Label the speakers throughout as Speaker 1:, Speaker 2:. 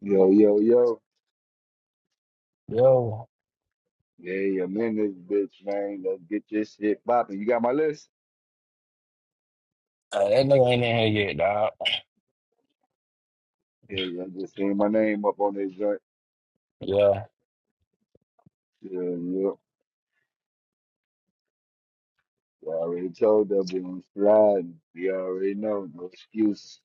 Speaker 1: Yo, yo, yo.
Speaker 2: Yo,
Speaker 1: Yeah, I'm in this bitch, man. Let's get this shit popping. You got my list?
Speaker 2: uh, that nigga ain't in here yet, dog.
Speaker 1: Yeah, yeah, I just seen my name up on this joint.
Speaker 2: Yeah,
Speaker 1: Yeah, yeah. I already told them we on sliding. You already know, no excuse.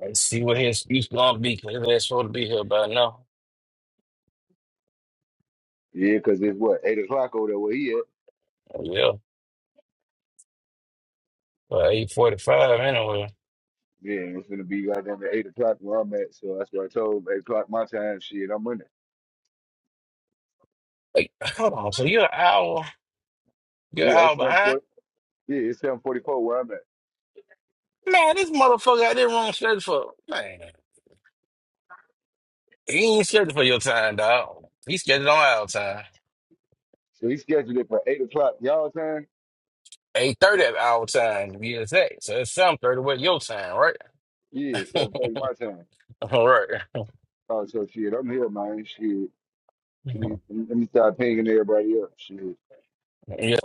Speaker 2: let's see what his excuse gonna be. Cause they're supposed to be here by now.
Speaker 1: Yeah, 'cause it's what, 8 o'clock over there where he at?
Speaker 2: Yeah, but eight forty-five anyway.
Speaker 1: Yeah, it's gonna be right down to 8 o'clock where I'm at. So that's what I told him, 8 o'clock my time, shit, I'm in it.
Speaker 2: Like, hold on. So you're an hour, you're an
Speaker 1: Yeah,
Speaker 2: hour
Speaker 1: it's
Speaker 2: behind.
Speaker 1: 740, yeah, it's 744 where I'm at.
Speaker 2: Man, this motherfucker out there wrong schedule for. Man, he ain't scheduled for your time, dog. He scheduled on our time.
Speaker 1: So he scheduled it for 8 o'clock y'all time?
Speaker 2: Eight thirty at our time to be exact. So it's seven thirty with your time, right?
Speaker 1: Yeah, 730 my time.
Speaker 2: All right.
Speaker 1: Oh, so shit, I'm here, man. Shit. Let me, let me start pinging everybody up. Shit.
Speaker 2: Yeah.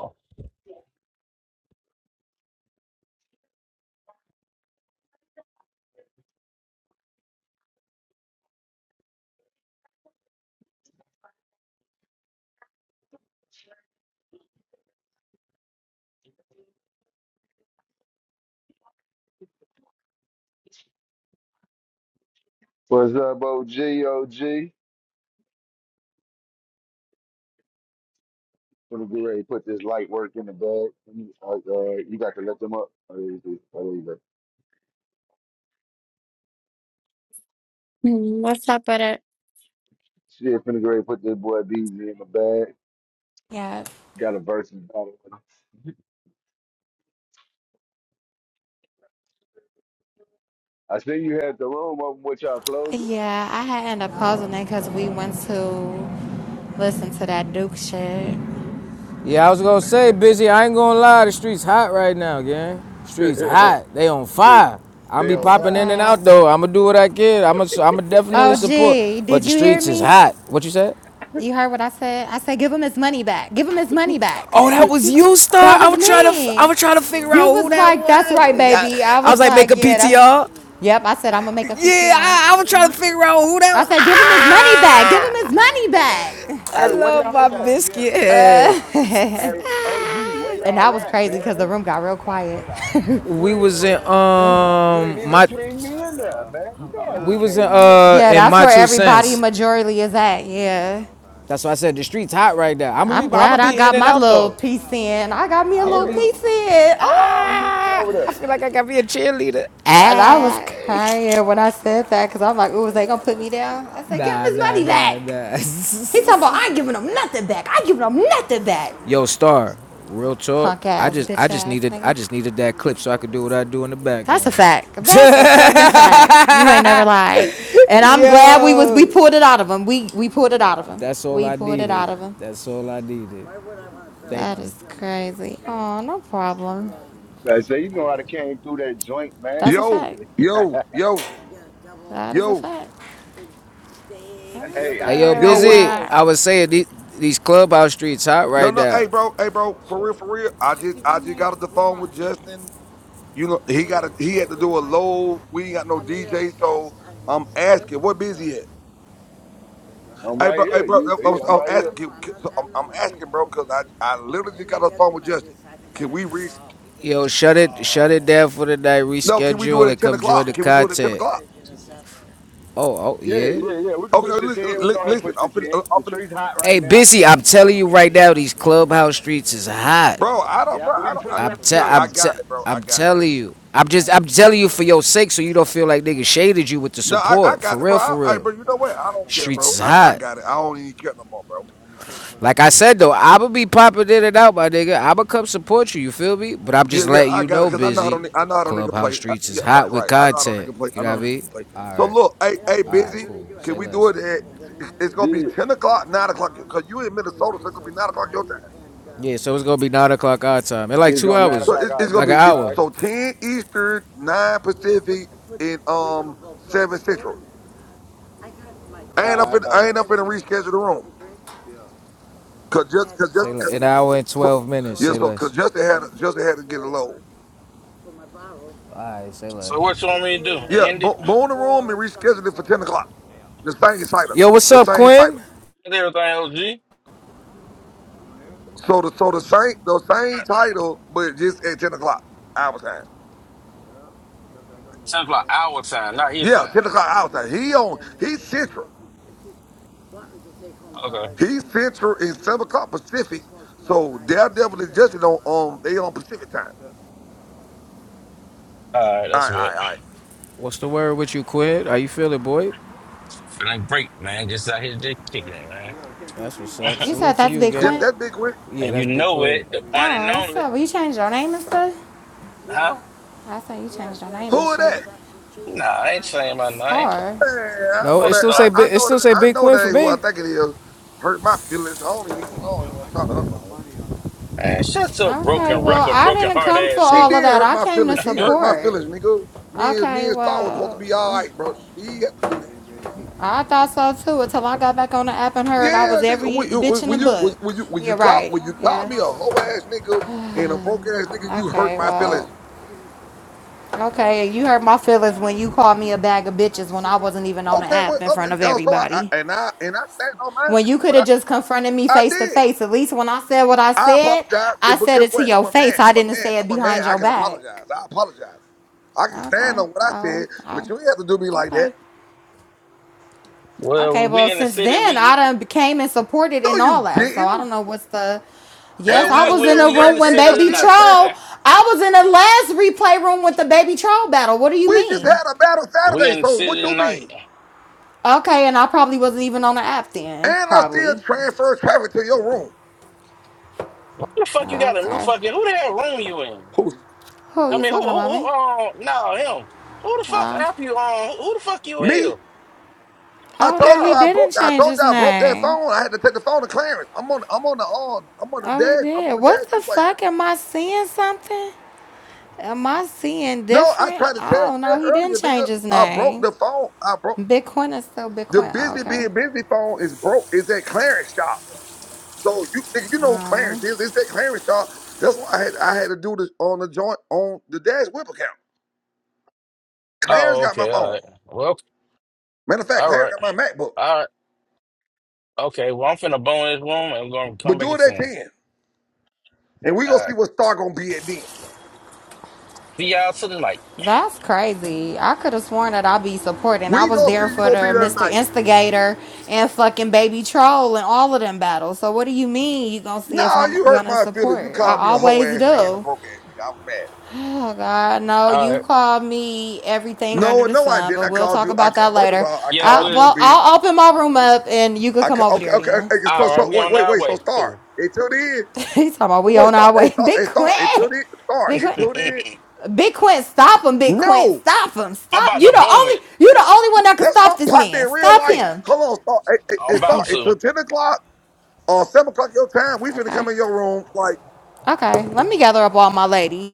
Speaker 1: What's up, OG? OG? Gonna get ready to put this light work in the bag. Let me- Uh, uh, you got to let them up. Oh, there you go. Oh, there you go.
Speaker 3: Mm, What's up with it?
Speaker 1: Shit, finna get ready to put this boy BZ in the bag.
Speaker 3: Yeah,
Speaker 1: Got a verse and battle. with I see you had the room open with y'all closing.
Speaker 3: yeah. I had ended up closing it because we went to listen to that Duke shit.
Speaker 4: Yeah, I was gonna say, busy. I ain't gonna lie, the streets hot right now, gang. Streets hot. They on
Speaker 1: Shit,
Speaker 4: fire. I'm
Speaker 1: they
Speaker 4: be
Speaker 1: on
Speaker 3: That's a
Speaker 4: popping
Speaker 1: fire.
Speaker 4: in and
Speaker 3: fact.
Speaker 4: out though. I'ma do what I can. I'ma I'ma
Speaker 3: Oh,
Speaker 4: definitely support.
Speaker 3: gee,
Speaker 4: But
Speaker 3: did
Speaker 4: the
Speaker 3: you hear
Speaker 4: streets is
Speaker 3: me?
Speaker 4: hot. What you said?
Speaker 3: You heard what I said? I said, give him his money back. Give him his money back.
Speaker 4: Oh, that was you, Star.
Speaker 3: that
Speaker 4: I
Speaker 3: was
Speaker 4: was trying to, i
Speaker 3: me.
Speaker 4: was trying to figure
Speaker 3: You
Speaker 4: out who
Speaker 3: was
Speaker 4: that
Speaker 3: like, that's right,
Speaker 4: was. I,
Speaker 3: baby. I
Speaker 4: I was
Speaker 3: was
Speaker 4: like, make
Speaker 3: like,
Speaker 4: a
Speaker 3: yeah. That...
Speaker 4: PTR.
Speaker 3: Yep. I said, I'm gonna make a
Speaker 4: Yeah,
Speaker 3: PCR.
Speaker 4: I, I was trying to figure out who that
Speaker 3: I
Speaker 4: was.
Speaker 3: said, give him his money back. Give him his
Speaker 4: Ah!
Speaker 3: money back.
Speaker 4: I
Speaker 1: Hey, where
Speaker 4: love my
Speaker 1: y'all at?
Speaker 4: biscuit head.
Speaker 3: Uh,
Speaker 1: Hey, OG,
Speaker 4: Ah!
Speaker 1: where
Speaker 3: And
Speaker 1: y'all
Speaker 3: that was
Speaker 1: at,
Speaker 3: crazy because the
Speaker 1: man?
Speaker 3: room got real quiet.
Speaker 1: You
Speaker 4: We
Speaker 1: ain't
Speaker 4: was in
Speaker 1: you ain't
Speaker 4: um
Speaker 1: even
Speaker 4: my
Speaker 1: pinged me in there, man. You know I would
Speaker 4: we
Speaker 1: have
Speaker 4: was in
Speaker 1: came in there.
Speaker 4: uh
Speaker 3: yeah,
Speaker 4: in
Speaker 3: that's
Speaker 4: my
Speaker 3: where
Speaker 4: two
Speaker 3: everybody
Speaker 4: cents.
Speaker 3: majority is at. Yeah.
Speaker 4: That's why I said the streets hot right now. I'm gonna
Speaker 3: I'm
Speaker 4: be I'm
Speaker 3: glad
Speaker 4: gonna
Speaker 3: I
Speaker 4: be in
Speaker 3: got
Speaker 4: and
Speaker 3: my
Speaker 4: out
Speaker 3: little
Speaker 4: though.
Speaker 3: piece in. I got me a
Speaker 4: I would
Speaker 3: little
Speaker 1: Yeah.
Speaker 4: be
Speaker 3: piece in.
Speaker 1: Came
Speaker 3: Oh.
Speaker 1: in
Speaker 4: ah.
Speaker 1: over
Speaker 4: I
Speaker 1: there.
Speaker 4: feel like I gotta be a cheerleader.
Speaker 3: And I was
Speaker 4: Ah.
Speaker 3: crying when I said that because I'm like, ooh, is they going to put me down? I said, give him
Speaker 4: Nah
Speaker 3: his
Speaker 4: nah
Speaker 3: money
Speaker 4: nah
Speaker 3: back.
Speaker 4: nah.
Speaker 3: He's talking about, I ain't giving him nothing back. I ain't giving him nothing back.
Speaker 4: Yo star, real talk.
Speaker 3: Punk
Speaker 4: I
Speaker 3: ass,
Speaker 4: just I
Speaker 3: bitch
Speaker 4: just
Speaker 3: ass
Speaker 4: needed I
Speaker 3: nigga.
Speaker 4: just needed that clip so I could do what I do in the
Speaker 3: That's a
Speaker 4: background.
Speaker 3: fact. That's a fucking fact. You ain't never lied. And I'm glad we was we
Speaker 4: Yo.
Speaker 3: pulled it out of him. We we pulled it out of him.
Speaker 4: That's all
Speaker 3: We
Speaker 4: I
Speaker 3: pulled it
Speaker 4: needed.
Speaker 3: out of him.
Speaker 4: That's all I needed. Thank
Speaker 3: That
Speaker 4: you.
Speaker 3: is crazy. Oh, no problem.
Speaker 1: Man, so you know how to came through that joint, man.
Speaker 3: That's a
Speaker 5: Yo,
Speaker 3: fact.
Speaker 5: yo, yo,
Speaker 3: That is a
Speaker 5: yo,
Speaker 3: fact. Let me
Speaker 1: hey,
Speaker 3: see
Speaker 1: I,
Speaker 4: Hey,
Speaker 3: where
Speaker 4: yo,
Speaker 1: I hear
Speaker 5: yo,
Speaker 3: everybody
Speaker 1: you
Speaker 5: what
Speaker 4: busy.
Speaker 1: yelling.
Speaker 3: at.
Speaker 4: I was saying these, these clubhouse streets hot
Speaker 5: no
Speaker 4: right
Speaker 5: no hey
Speaker 4: now.
Speaker 5: bro, hey bro, for
Speaker 4: So
Speaker 5: real, for real. I just I just got off the phone with Justin. You know, he got a, he had to do a low, we ain't got no DJ, so I'm asking, what busy at?
Speaker 1: I'm
Speaker 5: Hey
Speaker 1: right
Speaker 5: bro, hey
Speaker 1: here.
Speaker 5: bro,
Speaker 1: You
Speaker 5: I
Speaker 1: here?
Speaker 5: was, I
Speaker 1: I'm
Speaker 5: was
Speaker 1: right here.
Speaker 5: asking, so I'm, I'm asking bro, cause I I literally just got off the phone with Justin. Can we read?
Speaker 4: Yo, shut it, shut it down for the night.
Speaker 5: No, can we do
Speaker 4: Reschedule
Speaker 5: it at
Speaker 4: and
Speaker 5: ten
Speaker 4: come join
Speaker 5: o'clock?
Speaker 4: the
Speaker 5: Can we do it at ten
Speaker 4: content.
Speaker 5: o'clock?
Speaker 4: Oh, oh,
Speaker 1: Yeah,
Speaker 4: yeah.
Speaker 1: yeah, yeah. We can
Speaker 5: Okay,
Speaker 1: push the
Speaker 5: listen,
Speaker 1: ten. We
Speaker 5: li-
Speaker 1: go ahead and
Speaker 5: listen,
Speaker 1: push the
Speaker 5: I'm finna,
Speaker 1: ten.
Speaker 5: I'm
Speaker 1: The
Speaker 5: finna,
Speaker 1: tree's hot right
Speaker 4: Hey,
Speaker 1: now.
Speaker 4: busy. I'm telling you right now, these clubhouse streets is hot.
Speaker 5: bro, I don't,
Speaker 1: Yeah,
Speaker 5: bro,
Speaker 1: we
Speaker 5: I
Speaker 1: can
Speaker 5: don't, I,
Speaker 1: push it
Speaker 4: I'm
Speaker 1: up to
Speaker 4: te-
Speaker 5: I,
Speaker 1: ten.
Speaker 5: I
Speaker 4: I'm te-
Speaker 5: got it, bro, I
Speaker 4: I'm
Speaker 5: got it.
Speaker 4: telling you. I'm just I'm telling you for your sake, so you don't feel like niggas shaded you with the
Speaker 5: No, I, I
Speaker 4: support. For
Speaker 5: got it, bro.
Speaker 4: real,
Speaker 5: I,
Speaker 4: for
Speaker 5: I,
Speaker 4: real.
Speaker 5: bro, you know what? I don't care,
Speaker 4: Streets
Speaker 5: bro.
Speaker 4: is
Speaker 5: I, I
Speaker 4: hot.
Speaker 5: got it. I don't even care no more, bro.
Speaker 4: Like I said though, I'ma be popping in and out, my nigga. I'ma come support you, you feel me? But I'm
Speaker 5: Yeah,
Speaker 4: just
Speaker 5: yeah,
Speaker 4: letting
Speaker 5: I
Speaker 4: you
Speaker 5: got it
Speaker 4: know,
Speaker 5: because I know how
Speaker 4: busy.
Speaker 5: to, I know how to nigga
Speaker 4: Clubhouse
Speaker 5: play. I,
Speaker 4: Streets is
Speaker 5: yeah, right,
Speaker 4: hot with
Speaker 5: right. I know how to
Speaker 4: content.
Speaker 5: nigga play.
Speaker 4: You
Speaker 5: I
Speaker 4: know
Speaker 5: know
Speaker 4: what
Speaker 5: how
Speaker 4: I
Speaker 5: to
Speaker 4: mean?
Speaker 5: nigga play. So
Speaker 4: Alright.
Speaker 5: look, hey, hey,
Speaker 4: Alright,
Speaker 5: busy.
Speaker 4: cool.
Speaker 5: Can
Speaker 4: Say
Speaker 5: we do
Speaker 4: less.
Speaker 5: it at? It's, it's gonna be
Speaker 1: Yeah,
Speaker 5: ten o'clock, nine o'clock. Cause you in Minnesota, so it's gonna be nine o'clock your time.
Speaker 4: Yeah, so it's gonna be nine o'clock our time. In like
Speaker 1: it's
Speaker 4: two
Speaker 1: on nine
Speaker 4: hours.
Speaker 5: So
Speaker 1: o'clock
Speaker 5: it's,
Speaker 1: our
Speaker 5: it's gonna
Speaker 4: Like an
Speaker 5: be
Speaker 1: time.
Speaker 5: it's
Speaker 1: All
Speaker 4: hour.
Speaker 1: right,
Speaker 5: so ten Eastern, nine Pacific, and um seven Central. I ain't
Speaker 1: all
Speaker 5: up
Speaker 1: right,
Speaker 5: in
Speaker 1: all right.
Speaker 5: I ain't up in reschedule the room. Cause just cause just
Speaker 4: Say less.
Speaker 5: cause,
Speaker 4: An hour and
Speaker 5: so,
Speaker 4: twelve minutes.
Speaker 5: yeah,
Speaker 4: Say
Speaker 5: so cause
Speaker 4: less.
Speaker 5: Justin had a- Justin had to get a load.
Speaker 4: Alright, say less.
Speaker 2: So what you want me to do?
Speaker 5: Yeah,
Speaker 2: End it?
Speaker 5: bo- bone the room and reschedule it for ten o'clock. The same title.
Speaker 4: Yo, what's
Speaker 5: The
Speaker 4: up,
Speaker 5: same title.
Speaker 4: Quinn?
Speaker 2: Is everything LG?
Speaker 5: So the so the same the same title, but just at ten o'clock our time.
Speaker 2: 10 o'clock our time, not his
Speaker 5: Yeah,
Speaker 2: time.
Speaker 5: ten o'clock our time. He on he's central.
Speaker 2: Okay.
Speaker 5: He's central in seven o'clock Pacific. So Daredevil is just on um they on Pacific time.
Speaker 2: All right,
Speaker 5: All
Speaker 2: that's
Speaker 5: right, all
Speaker 2: what.
Speaker 5: right, all right.
Speaker 4: What's the word with you, Quinn? How you feeling, boy?
Speaker 2: Feeling break, man. Just out here just kicking it, man.
Speaker 4: That's what's up.
Speaker 3: You said
Speaker 4: Salute to
Speaker 3: that's
Speaker 4: you,
Speaker 3: Big
Speaker 5: Yep,
Speaker 4: Gag.
Speaker 3: Quint?
Speaker 5: that big one.
Speaker 4: Yeah,
Speaker 2: and you
Speaker 4: that's Big
Speaker 2: know
Speaker 4: Quinn.
Speaker 2: it, the one and
Speaker 3: Oh, what's
Speaker 2: only.
Speaker 3: up? Well, You changed your name and stuff?
Speaker 2: Huh?
Speaker 3: I said you changed your name
Speaker 5: Who
Speaker 3: and
Speaker 5: are that?
Speaker 3: shit.
Speaker 2: Nah, I ain't saying my name.
Speaker 3: Star.
Speaker 5: Man, I
Speaker 4: No,
Speaker 5: know
Speaker 4: it
Speaker 2: Let's
Speaker 5: that.
Speaker 4: still say
Speaker 2: start.
Speaker 5: I, I
Speaker 4: it
Speaker 5: know
Speaker 4: still
Speaker 5: that.
Speaker 4: say
Speaker 5: I
Speaker 4: Big
Speaker 5: know
Speaker 4: Quinn
Speaker 5: that
Speaker 4: for
Speaker 5: ain't who I
Speaker 4: me.
Speaker 5: think it is. Hurt my feelings. I don't even, I don't even want to talk to her no more.
Speaker 2: Man, shut your
Speaker 3: Okay,
Speaker 2: broken
Speaker 3: well,
Speaker 2: record,
Speaker 3: I
Speaker 2: broken
Speaker 3: didn't
Speaker 2: heart
Speaker 3: come for
Speaker 2: ass
Speaker 5: She did
Speaker 3: all
Speaker 2: up.
Speaker 3: of that.
Speaker 5: hurt
Speaker 3: I
Speaker 5: my
Speaker 3: came to
Speaker 5: feelings. He hurt my
Speaker 3: support.
Speaker 5: feelings, nigga. Me and me
Speaker 3: Okay,
Speaker 5: and Star was supposed to
Speaker 3: well,
Speaker 5: be all right, bro. He had to do that.
Speaker 3: I thought so too until I got back on the app and heard I
Speaker 5: Yeah,
Speaker 3: was
Speaker 5: nigga. When,
Speaker 3: every bitch
Speaker 5: when
Speaker 3: in the
Speaker 5: when you when
Speaker 3: book.
Speaker 5: when you when you
Speaker 3: You're
Speaker 5: call
Speaker 3: right.
Speaker 5: when you call
Speaker 3: Yeah.
Speaker 5: me a hoe ass nigga and a broke ass nigga, you hurt
Speaker 3: Okay,
Speaker 5: my
Speaker 3: well,
Speaker 5: feelings.
Speaker 3: okay. You hurt my feelings when you called me a bag of bitches when I wasn't even on the
Speaker 5: Okay, well,
Speaker 3: app in front
Speaker 5: okay.
Speaker 3: of
Speaker 5: uh, So I, I
Speaker 3: everybody.
Speaker 5: and I and I stand on mine,
Speaker 3: When you could
Speaker 5: but
Speaker 3: have
Speaker 5: I
Speaker 3: just confronted me
Speaker 5: I
Speaker 3: face to
Speaker 5: did.
Speaker 3: face. At least when I said what I
Speaker 5: I
Speaker 3: said,
Speaker 5: apologize,
Speaker 3: I
Speaker 5: and- but
Speaker 3: said
Speaker 5: guess
Speaker 3: it to
Speaker 5: what? I'm
Speaker 3: your
Speaker 5: a
Speaker 3: face.
Speaker 5: man. I'm
Speaker 3: I didn't
Speaker 5: a man.
Speaker 3: say it
Speaker 5: I'm a man.
Speaker 3: behind
Speaker 5: I
Speaker 3: your
Speaker 5: can
Speaker 3: back.
Speaker 5: apologize. I apologize. I can stand
Speaker 3: Okay,
Speaker 5: on what I
Speaker 3: well,
Speaker 5: said,
Speaker 3: I,
Speaker 5: but you ain't have to do me like that.
Speaker 3: okay. Okay,
Speaker 2: well, we
Speaker 3: well,
Speaker 2: in the
Speaker 3: since
Speaker 2: city.
Speaker 3: then,
Speaker 2: We, we
Speaker 3: I done became and supported
Speaker 5: No,
Speaker 3: and all
Speaker 5: you
Speaker 3: that. So I
Speaker 5: didn't.
Speaker 3: don't know what's the. Yes,
Speaker 2: well,
Speaker 5: And
Speaker 3: I
Speaker 2: we
Speaker 5: I
Speaker 3: was in
Speaker 2: well,
Speaker 5: still
Speaker 3: the
Speaker 2: we in
Speaker 3: room
Speaker 2: the
Speaker 5: tra-
Speaker 3: when
Speaker 5: and
Speaker 2: city
Speaker 5: I
Speaker 3: Baby
Speaker 5: still
Speaker 3: Troll.
Speaker 2: tonight,
Speaker 5: transferred.
Speaker 2: man.
Speaker 3: I was in the last replay room with the Baby Troll battle. What do you
Speaker 5: We just
Speaker 3: mean?
Speaker 5: had a battle
Speaker 2: We
Speaker 5: Saturday,
Speaker 2: in the
Speaker 5: so
Speaker 2: city
Speaker 5: what you
Speaker 2: tonight.
Speaker 5: mean?
Speaker 3: Okay, and I probably wasn't even on the app then.
Speaker 5: And I still
Speaker 3: Probably.
Speaker 5: transferred traffic to your room.
Speaker 2: What the fuck you got a new
Speaker 3: Okay.
Speaker 2: fucking? Who the hell room you in?
Speaker 5: Who's
Speaker 3: Who
Speaker 2: I
Speaker 3: you
Speaker 2: mean, who,
Speaker 3: talking
Speaker 2: who,
Speaker 3: about
Speaker 2: who
Speaker 3: me?
Speaker 2: um, no, him. Who the fuck
Speaker 3: Uh,
Speaker 2: app you on? Who the fuck you is?
Speaker 5: me? I
Speaker 3: oh
Speaker 5: told
Speaker 3: no,
Speaker 5: you
Speaker 3: he
Speaker 2: Yeah.
Speaker 5: I
Speaker 3: didn't
Speaker 5: broke. I
Speaker 3: change
Speaker 5: told
Speaker 3: his
Speaker 5: you I broke that
Speaker 3: name.
Speaker 5: phone. I had to take the phone to Clarence. I'm on. I'm on the. Um, I'm on the
Speaker 3: Oh, he
Speaker 5: dash. I'm on
Speaker 3: did.
Speaker 5: the
Speaker 3: What
Speaker 5: dash
Speaker 3: the
Speaker 5: replay
Speaker 3: fuck?
Speaker 5: thing.
Speaker 3: Am I seeing something? Am I seeing
Speaker 5: No, I
Speaker 3: different?
Speaker 5: tried to tell you
Speaker 3: Oh
Speaker 5: that
Speaker 3: no, he didn't
Speaker 5: earlier, nigga.
Speaker 3: change his
Speaker 5: I broke
Speaker 3: name.
Speaker 5: the phone. I broke
Speaker 3: Bitcoin is still
Speaker 5: the
Speaker 3: Bitcoin. Oh,
Speaker 5: busy
Speaker 3: okay.
Speaker 5: being busy phone is broke. Is at Clarence shop. So you nigga, you know who Clarence is. It's at Clarence shop. That's why I had I had to do this on the joint on the dash whip account. Clarence
Speaker 2: Oh,
Speaker 5: got my
Speaker 2: okay, all
Speaker 5: phone.
Speaker 2: right. Well,
Speaker 5: Matter of fact,
Speaker 2: all
Speaker 5: Larry
Speaker 2: right,
Speaker 5: got my MacBook.
Speaker 2: all right. Okay, well, I'm finna bone this room and gonna
Speaker 5: But
Speaker 2: come back
Speaker 5: do
Speaker 2: and
Speaker 5: it at
Speaker 2: sing.
Speaker 5: 10. And we gonna
Speaker 2: All right.
Speaker 5: see what Star gonna be at then.
Speaker 2: See y'all tonight.
Speaker 3: That's crazy. I could have sworn that I'd be supporting. I
Speaker 5: We
Speaker 3: was
Speaker 5: gonna see
Speaker 3: there
Speaker 5: you
Speaker 3: for
Speaker 5: gonna be
Speaker 3: the
Speaker 5: there
Speaker 3: Mr.
Speaker 5: tonight.
Speaker 3: Instigator and fucking Baby Troll and all of them battles. So what do you mean you gonna see if
Speaker 5: Nah, you
Speaker 3: I'm
Speaker 5: hurt
Speaker 3: gonna
Speaker 5: my feelings. You
Speaker 3: support? I
Speaker 5: called me a hoe
Speaker 3: always
Speaker 5: ass nigga and a
Speaker 3: do.
Speaker 5: broke ass nigga. I was mad.
Speaker 3: Oh God, no!
Speaker 2: All
Speaker 3: You
Speaker 2: right.
Speaker 3: call me everything under
Speaker 5: No,
Speaker 3: the
Speaker 5: no, I
Speaker 3: sun,
Speaker 5: didn't.
Speaker 3: but
Speaker 5: I
Speaker 3: we'll
Speaker 5: called
Speaker 3: talk
Speaker 5: you. I
Speaker 3: about that
Speaker 5: first of
Speaker 3: later.
Speaker 5: all, I
Speaker 2: Yeah,
Speaker 3: I,
Speaker 5: called you a
Speaker 2: we're,
Speaker 3: well,
Speaker 5: bitch.
Speaker 3: I'll open my room up and you could
Speaker 5: I
Speaker 3: come
Speaker 5: ca-
Speaker 3: over
Speaker 5: okay,
Speaker 3: there
Speaker 5: okay,
Speaker 3: then.
Speaker 5: okay. So,
Speaker 2: all right,
Speaker 5: so
Speaker 2: we
Speaker 5: wait,
Speaker 2: on
Speaker 5: wait,
Speaker 2: our
Speaker 5: wait. So
Speaker 2: way.
Speaker 5: Star,
Speaker 2: Cool.
Speaker 5: until then,
Speaker 3: He's talking about
Speaker 5: wait,
Speaker 3: we
Speaker 5: wait,
Speaker 3: on
Speaker 5: Star,
Speaker 3: our
Speaker 5: hey,
Speaker 3: way.
Speaker 5: Star,
Speaker 3: Big
Speaker 5: hey, Star,
Speaker 3: Quit.
Speaker 5: until then, Star,
Speaker 3: Big Quit.
Speaker 5: until
Speaker 2: I'm
Speaker 5: then.
Speaker 3: Big Quint, stop him, Big Quint.
Speaker 5: No,
Speaker 3: Stop him. Stop.
Speaker 2: about
Speaker 3: You
Speaker 2: to
Speaker 3: the
Speaker 2: bone
Speaker 3: only
Speaker 2: it.
Speaker 3: you the only one that can
Speaker 5: that's my
Speaker 3: stop this
Speaker 5: plot
Speaker 3: man.
Speaker 5: in real
Speaker 3: Stop
Speaker 5: life.
Speaker 3: him.
Speaker 5: Hold on, Star, hey, hey, hey,
Speaker 2: I'm about
Speaker 5: Star,
Speaker 2: to.
Speaker 5: until ten o'clock or seven o'clock your time. We finna come
Speaker 3: Okay.
Speaker 5: in your room like.
Speaker 3: Okay. Let me gather up all my ladies.